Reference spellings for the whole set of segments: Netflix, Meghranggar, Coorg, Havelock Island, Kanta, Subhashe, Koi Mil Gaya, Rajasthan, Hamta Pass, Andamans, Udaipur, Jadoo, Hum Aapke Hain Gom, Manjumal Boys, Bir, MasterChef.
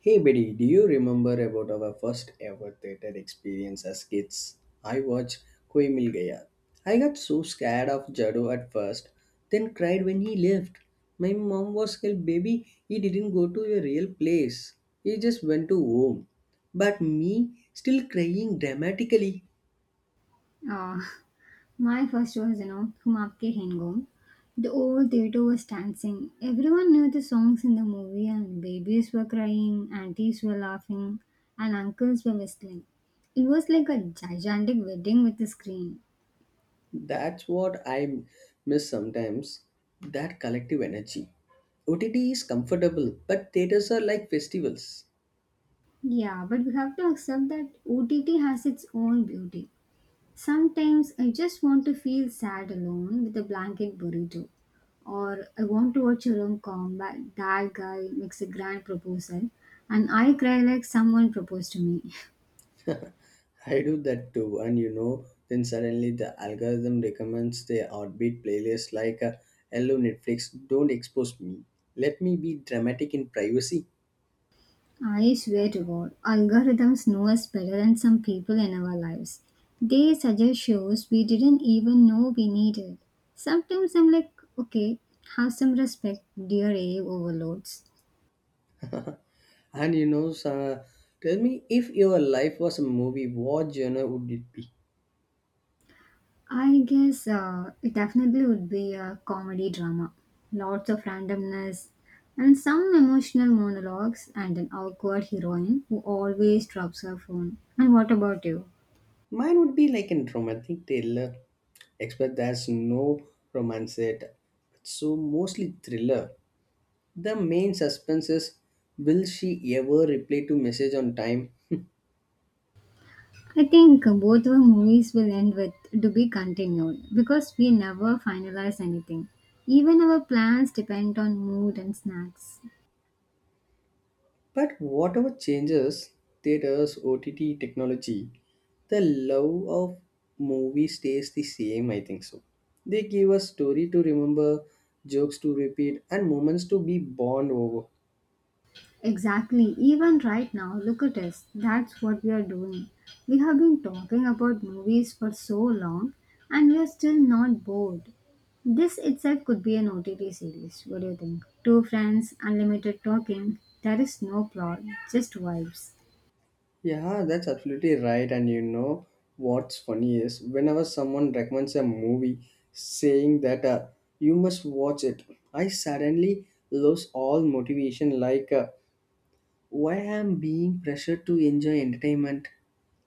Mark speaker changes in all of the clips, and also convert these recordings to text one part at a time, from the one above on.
Speaker 1: Hey buddy, do you remember about our first ever theater experience as kids? I watched Koi Mil Gaya. I got so scared of Jadoo at first, then cried when he left. My mom was scared, baby, he didn't go to a real place. He just went to home. But me, still crying dramatically.
Speaker 2: Uh, my first was, you know, Hum Aapke Hain Gom. The old theater was dancing. Everyone knew the songs in the movie, and babies were crying, aunties were laughing, and uncles were whistling. It was like a gigantic wedding with a screen.
Speaker 1: That's what I miss sometimes. That collective energy. OTT is comfortable, but theaters are like festivals.
Speaker 2: Yeah, but we have to accept that OTT has its own beauty. Sometimes I just want to feel sad alone with a blanket burrito. Or I want to watch a rom com where that guy makes a grand proposal and I cry like someone proposed to me.
Speaker 1: I do that too, and you know, then suddenly the algorithm recommends the offbeat playlist like Hello Netflix, don't expose me. Let me be dramatic in privacy.
Speaker 2: I swear to God, algorithms know us better than some people in our lives. They suggest shows we didn't even know we needed. Sometimes I'm like, okay, have some respect, dear AI overloads.
Speaker 1: And you know, so, tell me if your life was a movie, what genre would it be?
Speaker 2: I guess it definitely would be a comedy drama. Lots of randomness and some emotional monologues and an awkward heroine who always drops her phone. And what about you?
Speaker 1: Mine would be like a romantic thriller, except there's no romance yet. So mostly thriller. The main suspense is, will she ever reply to message on time?
Speaker 2: I think both our movies will end with to be continued because we never finalize anything. Even our plans depend on mood and snacks.
Speaker 1: But whatever changes theaters, OTT technology, the love of movie stays the same, I think so. They give us story to remember, jokes to repeat, and moments to be bond over.
Speaker 2: Exactly. Even right now, look at us. That's what we are doing. We have been talking about movies for so long and we are still not bored. This itself could be an OTT series. What do you think? Two friends, unlimited talking. There is no plot, just vibes.
Speaker 1: Yeah, that's absolutely right. And you know what's funny is whenever someone recommends a movie saying that you must watch it, I suddenly lose all motivation like why I'm being pressured to enjoy entertainment.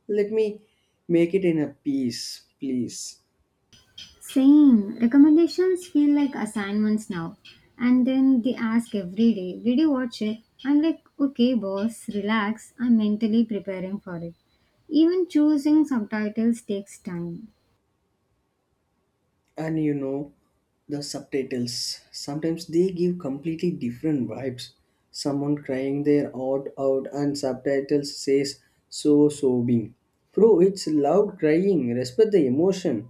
Speaker 1: Let me make it in a piece, please.
Speaker 2: Same. Recommendations feel like assignments now. And then they ask every day, did you watch it? I'm like, okay, boss, relax. I'm mentally preparing for it. Even choosing subtitles takes time.
Speaker 1: And you know, the subtitles sometimes they give completely different vibes. Someone crying their heart out, and subtitles says so sobbing. Bro, it's loud crying. Respect the emotion.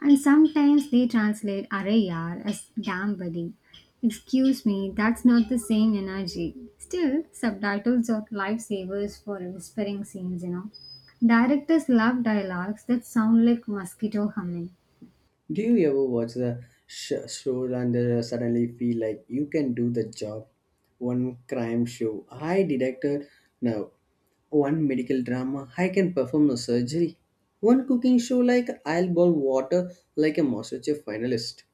Speaker 2: And sometimes they translate "Arre yaar" as damn buddy. Excuse me, that's not the same energy. Still, subtitles are lifesavers for whispering scenes, you know. Directors love dialogues that sound like mosquito humming.
Speaker 1: Do you ever watch the show and suddenly feel like you can do the job? One crime show, I detected now. One medical drama, I can perform a surgery. One cooking show like I'll boil water like a MasterChef finalist.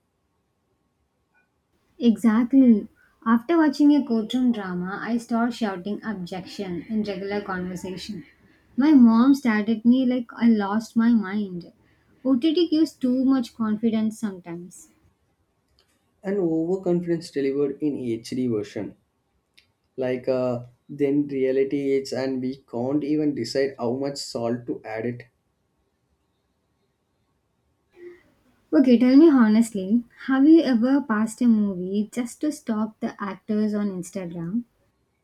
Speaker 2: Exactly. After watching a courtroom drama, I started shouting objection in regular conversation. My mom stared at me like I lost my mind. OTT gives too much confidence sometimes.
Speaker 1: An overconfidence delivered in HD version. Like then reality hits and we can't even decide how much salt to add it.
Speaker 2: Okay, tell me honestly, have you ever passed a movie just to stalk the actors on Instagram?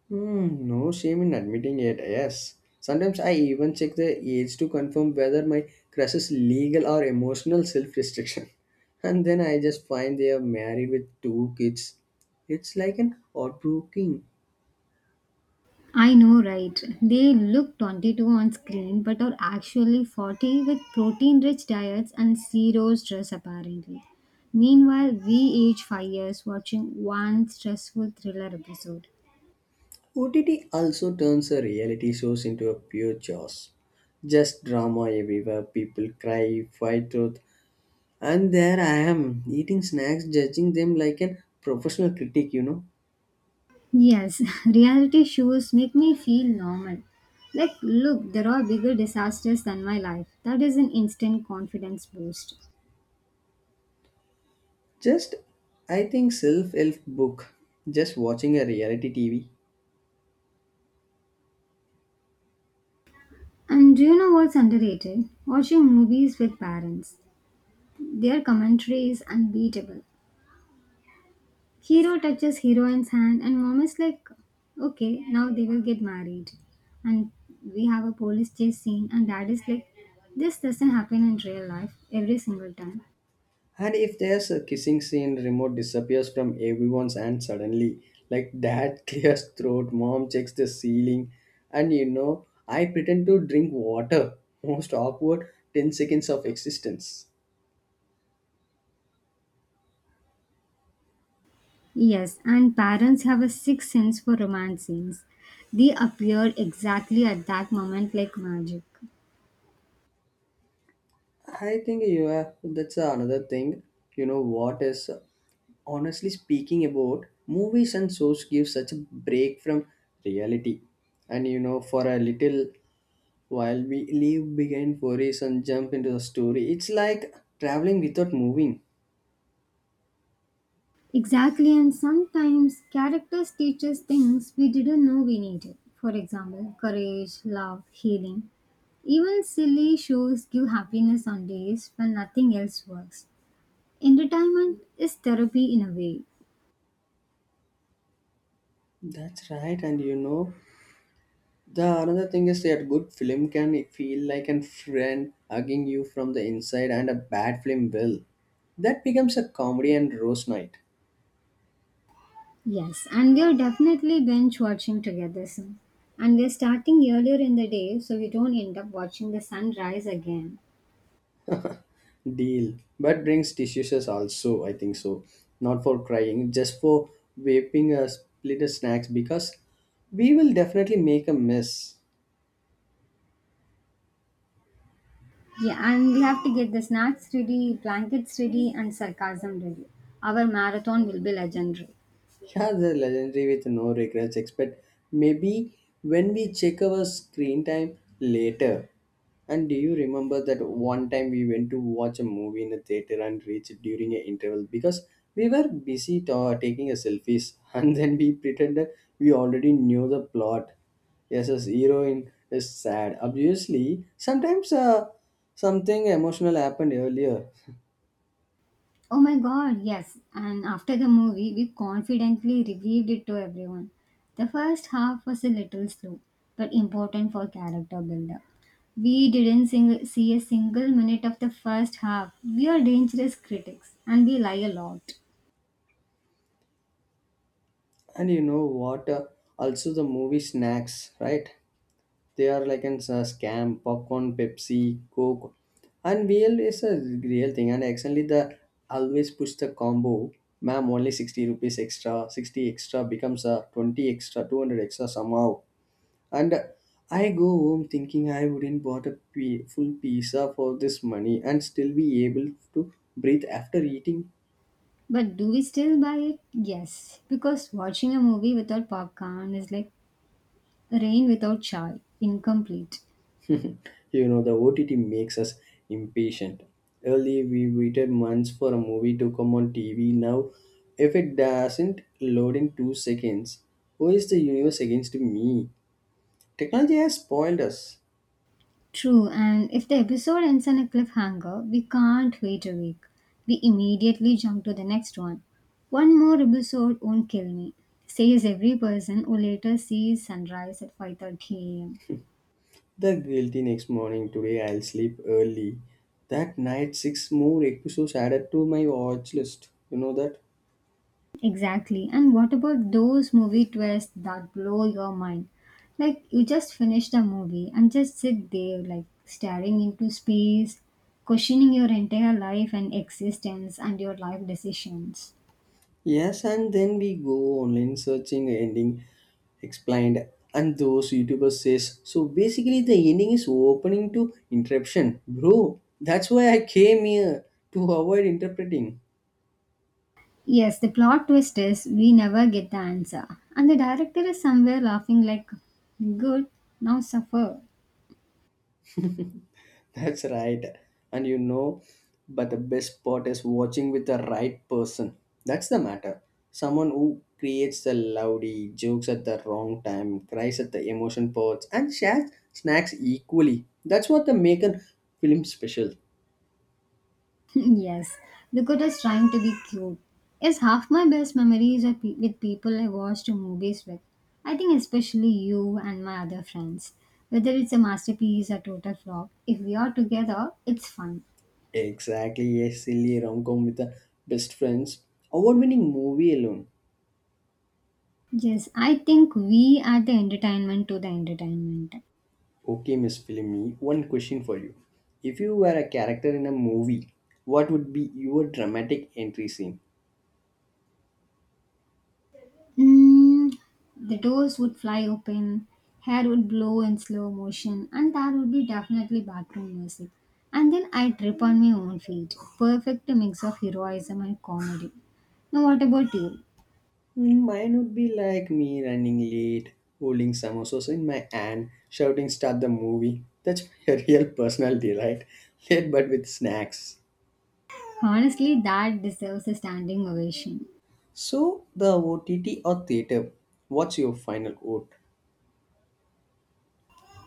Speaker 1: Hmm, no shame in admitting it, yes. Sometimes I even check the age to confirm whether my crush is legal or emotional self restriction. And then I just find they are married with two kids. It's like an heartbreaking.
Speaker 2: I know, right? They look 22 on screen but are actually 40 with protein rich diets and zero stress, apparently. Meanwhile, we age 5 years watching one stressful thriller episode.
Speaker 1: OTT also turns a reality shows into a pure chaos. Just drama everywhere, people cry, fight truth. And there I am, eating snacks, judging them like a professional critic, you know.
Speaker 2: Yes, reality shows make me feel normal. Like, look, there are bigger disasters than my life. That is an instant confidence boost.
Speaker 1: Just, I think self-help book, just watching a reality TV.
Speaker 2: And do you know what's underrated? Watching movies with parents. Their commentary is unbeatable. Hero touches heroine's hand, and mom is like, okay, now they will get married. And we have a police chase scene, and dad is like, this doesn't happen in real life every single time.
Speaker 1: And if there's a kissing scene, remote disappears from everyone's hand suddenly. Like dad clears throat, mom checks the ceiling, and you know, I pretend to drink water. Most awkward 10 seconds of existence.
Speaker 2: Yes, and parents have a sixth sense for romance scenes. They appear exactly at that moment like magic.
Speaker 1: I think you have that's another thing. You know what is, honestly speaking, about movies and shows give such a break from reality. And you know, for a little while we leave behind worries and jump into the story. It's like traveling without moving.
Speaker 2: Exactly, and sometimes characters teach us things we didn't know we needed. For example, courage, love, healing. Even silly shows give happiness on days when nothing else works. Entertainment is therapy in a way.
Speaker 1: That's right, and you know the another thing is that good film can feel like a friend hugging you from the inside and a bad film will. That becomes a comedy and roast night.
Speaker 2: Yes, and we are definitely binge watching together soon. And we're starting earlier in the day so we don't end up watching the sunrise again.
Speaker 1: Deal. But brings tissues also, I think so. Not for crying, just for vaping a split snacks because we will definitely make a mess.
Speaker 2: Yeah, and we have to get the snacks ready, blankets ready, and sarcasm ready. Our marathon will be legendary.
Speaker 1: Yeah, the legendary with no regrets expect maybe when we check our screen time later. And do you remember that one time we went to watch a movie in a theater and reached during an interval because we were busy ta taking a selfies and then we pretended we already knew the plot. Yes, as heroine is sad. Obviously, sometimes something emotional happened earlier.
Speaker 2: Oh my god, yes. And after the movie, we confidently revealed it to everyone. The first half was a little slow, but important for character buildup. We didn't see a single minute of the first half. We are dangerous critics and we lie a lot.
Speaker 1: And you know what? Also the movie snacks, right? They are like an scam, popcorn, Pepsi, Coke, and real is a real thing. And actually, the always push the combo. Ma'am, only 60 rupees extra, 60 extra becomes a 20 extra, 200 extra somehow. And I go home thinking I wouldn't bought a full pizza for this money and still be able to breathe after eating.
Speaker 2: But do we still buy it? Yes, because watching a movie without popcorn is like rain without chai, incomplete.
Speaker 1: You know, the OTT makes us impatient. Early, we waited months for a movie to come on TV. Now, if it doesn't load in 2 seconds, who is the universe against me? Technology has spoiled us.
Speaker 2: True, and if the episode ends on a cliffhanger, we can't wait a week. We immediately jump to the next one. One more episode won't kill me, says every person who later sees sunrise at 5:30 a.m.
Speaker 1: The guilty next morning, today I'll sleep early. That night, six more episodes added to my watch list. You know that?
Speaker 2: Exactly. And what about those movie twists that blow your mind? Like you just finish the movie and just sit there like staring into space, questioning your entire life and existence and your life decisions.
Speaker 1: Yes, and then we go online searching ending explained and those YouTubers says so basically the ending is opening to interruption. Bro, that's why I came here to avoid interpreting.
Speaker 2: Yes, the plot twist is we never get the answer. And the director is somewhere laughing like, good, now suffer.
Speaker 1: That's right. And you know, but the best part is watching with the right person. That's the matter. Someone who creates the loudy jokes at the wrong time, cries at the emotion parts, and shares snacks equally. That's what the make a film special.
Speaker 2: Yes, Dakota is trying to be cute. Yes, half my best memories are with people I watched movies with. I think especially you and my other friends. Whether it's a masterpiece or total flop, if we are together, it's fun.
Speaker 1: Exactly, a silly rom-com with the best friends. Award-winning movie alone.
Speaker 2: Yes, I think we are the entertainment to the entertainment.
Speaker 1: Okay, Miss Filmy, one question for you. If you were a character in a movie, what would be your dramatic entry scene?
Speaker 2: Mm, the doors would fly open, hair would blow in slow motion, and that would be definitely background music. And then I'd trip on my own feet. Perfect mix of heroism and comedy. Now, what about you?
Speaker 1: Hmm, mine would be like me running late, holding samosas in my hand, shouting "Start the movie!" That's my real personality, right? Late but with snacks.
Speaker 2: Honestly, that deserves a standing ovation.
Speaker 1: So the OTT or theater? What's your final vote?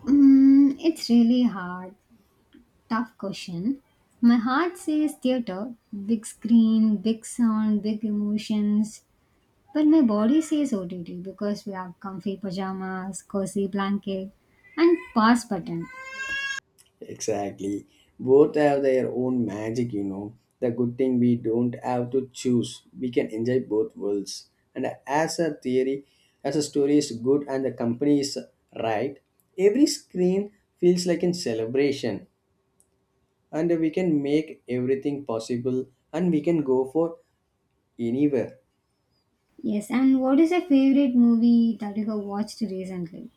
Speaker 2: Mm, it's really hard. Tough question. My heart says theater, big screen, big sound, big emotions, but my body says OTT because we have comfy pajamas, cozy blanket, and pause button.
Speaker 1: Exactly. Both have their own magic, you know. The good thing we don't have to choose. We can enjoy both worlds. And as a theory, as a story is good and the company is right, every screen feels like a celebration. And we can make everything possible and we can go for anywhere.
Speaker 2: Yes, and what is your favorite movie that you have watched recently?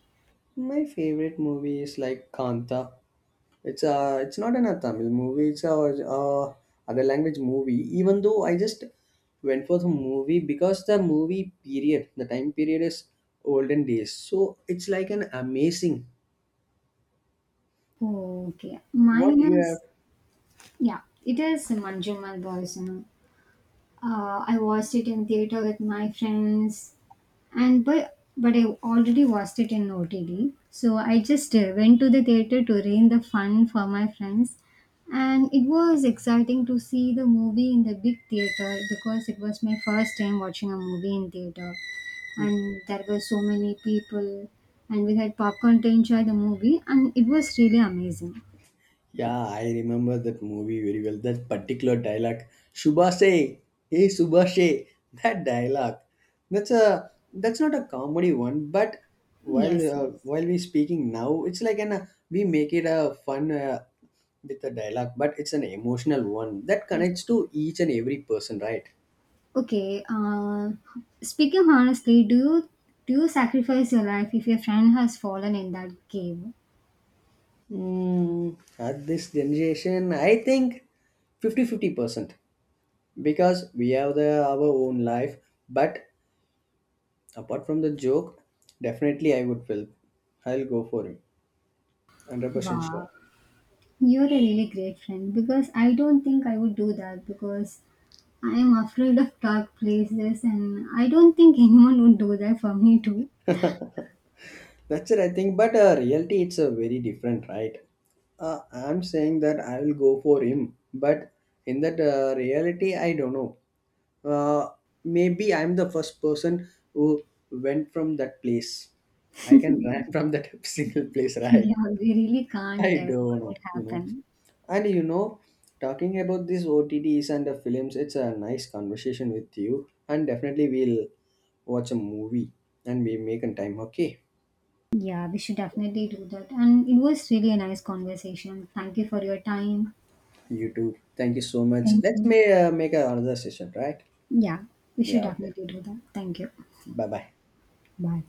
Speaker 1: My favorite movie is like Kanta. It's not an a Tamil movie. It's a other language movie. Even though I just went for the movie because the movie period, the time period is olden days. So it's like an amazing.
Speaker 2: Okay,
Speaker 1: What you
Speaker 2: mine
Speaker 1: have.
Speaker 2: is yeah, it is Manjumal Boys. You know, I watched it in theater with my friends, and but I already watched it in OTD. So I just went to the theater to rain the fun for my friends, and it was exciting to see the movie in the big theater because it was my first time watching a movie in theater, and there were so many people, and we had popcorn to enjoy the movie, and it was really amazing.
Speaker 1: Yeah, I remember that movie very well. That particular dialogue, Subhashe, hey Subhashe, that dialogue. That's not a comedy one, but
Speaker 2: Yes, yes,
Speaker 1: while we speaking now, it's like an we make it a fun with a dialogue, but it's an emotional one that
Speaker 2: yes.
Speaker 1: connects to each and every person, right?
Speaker 2: Okay. Speaking honestly, do you sacrifice your life if your friend has fallen in that cave?
Speaker 1: Hmm, at this generation, I think 50-50 percent because we have the our own life, but, apart from the joke, definitely I would will. I'll go for him. 100%
Speaker 2: Wow,
Speaker 1: sure.
Speaker 2: you're a really great friend because I don't think I would do that because I am afraid of dark places and I don't think anyone would do that for me too.
Speaker 1: That's it, I think. But reality, it's a very different, right? I'm saying that I will go for him. But in that reality, I don't know. Uh, Maybe I'm the first person who went from that place. I can run from that single place, right?
Speaker 2: Yeah, we really can't
Speaker 1: I
Speaker 2: tell
Speaker 1: don't
Speaker 2: what
Speaker 1: know,
Speaker 2: would
Speaker 1: you know.
Speaker 2: happen.
Speaker 1: And you know, talking about these OTTs and the films, it's a nice conversation with you. And definitely we'll watch a movie and we make a time. Okay,
Speaker 2: Yeah, we should definitely do that. And it was really a nice conversation. Thank you for your time.
Speaker 1: you too. Thank you so much.
Speaker 2: Thank
Speaker 1: Let's
Speaker 2: you.
Speaker 1: may, make another session, right?
Speaker 2: Yeah, we should
Speaker 1: Yeah, okay.
Speaker 2: definitely do that. Thank you.
Speaker 1: Bye bye.
Speaker 2: Bye.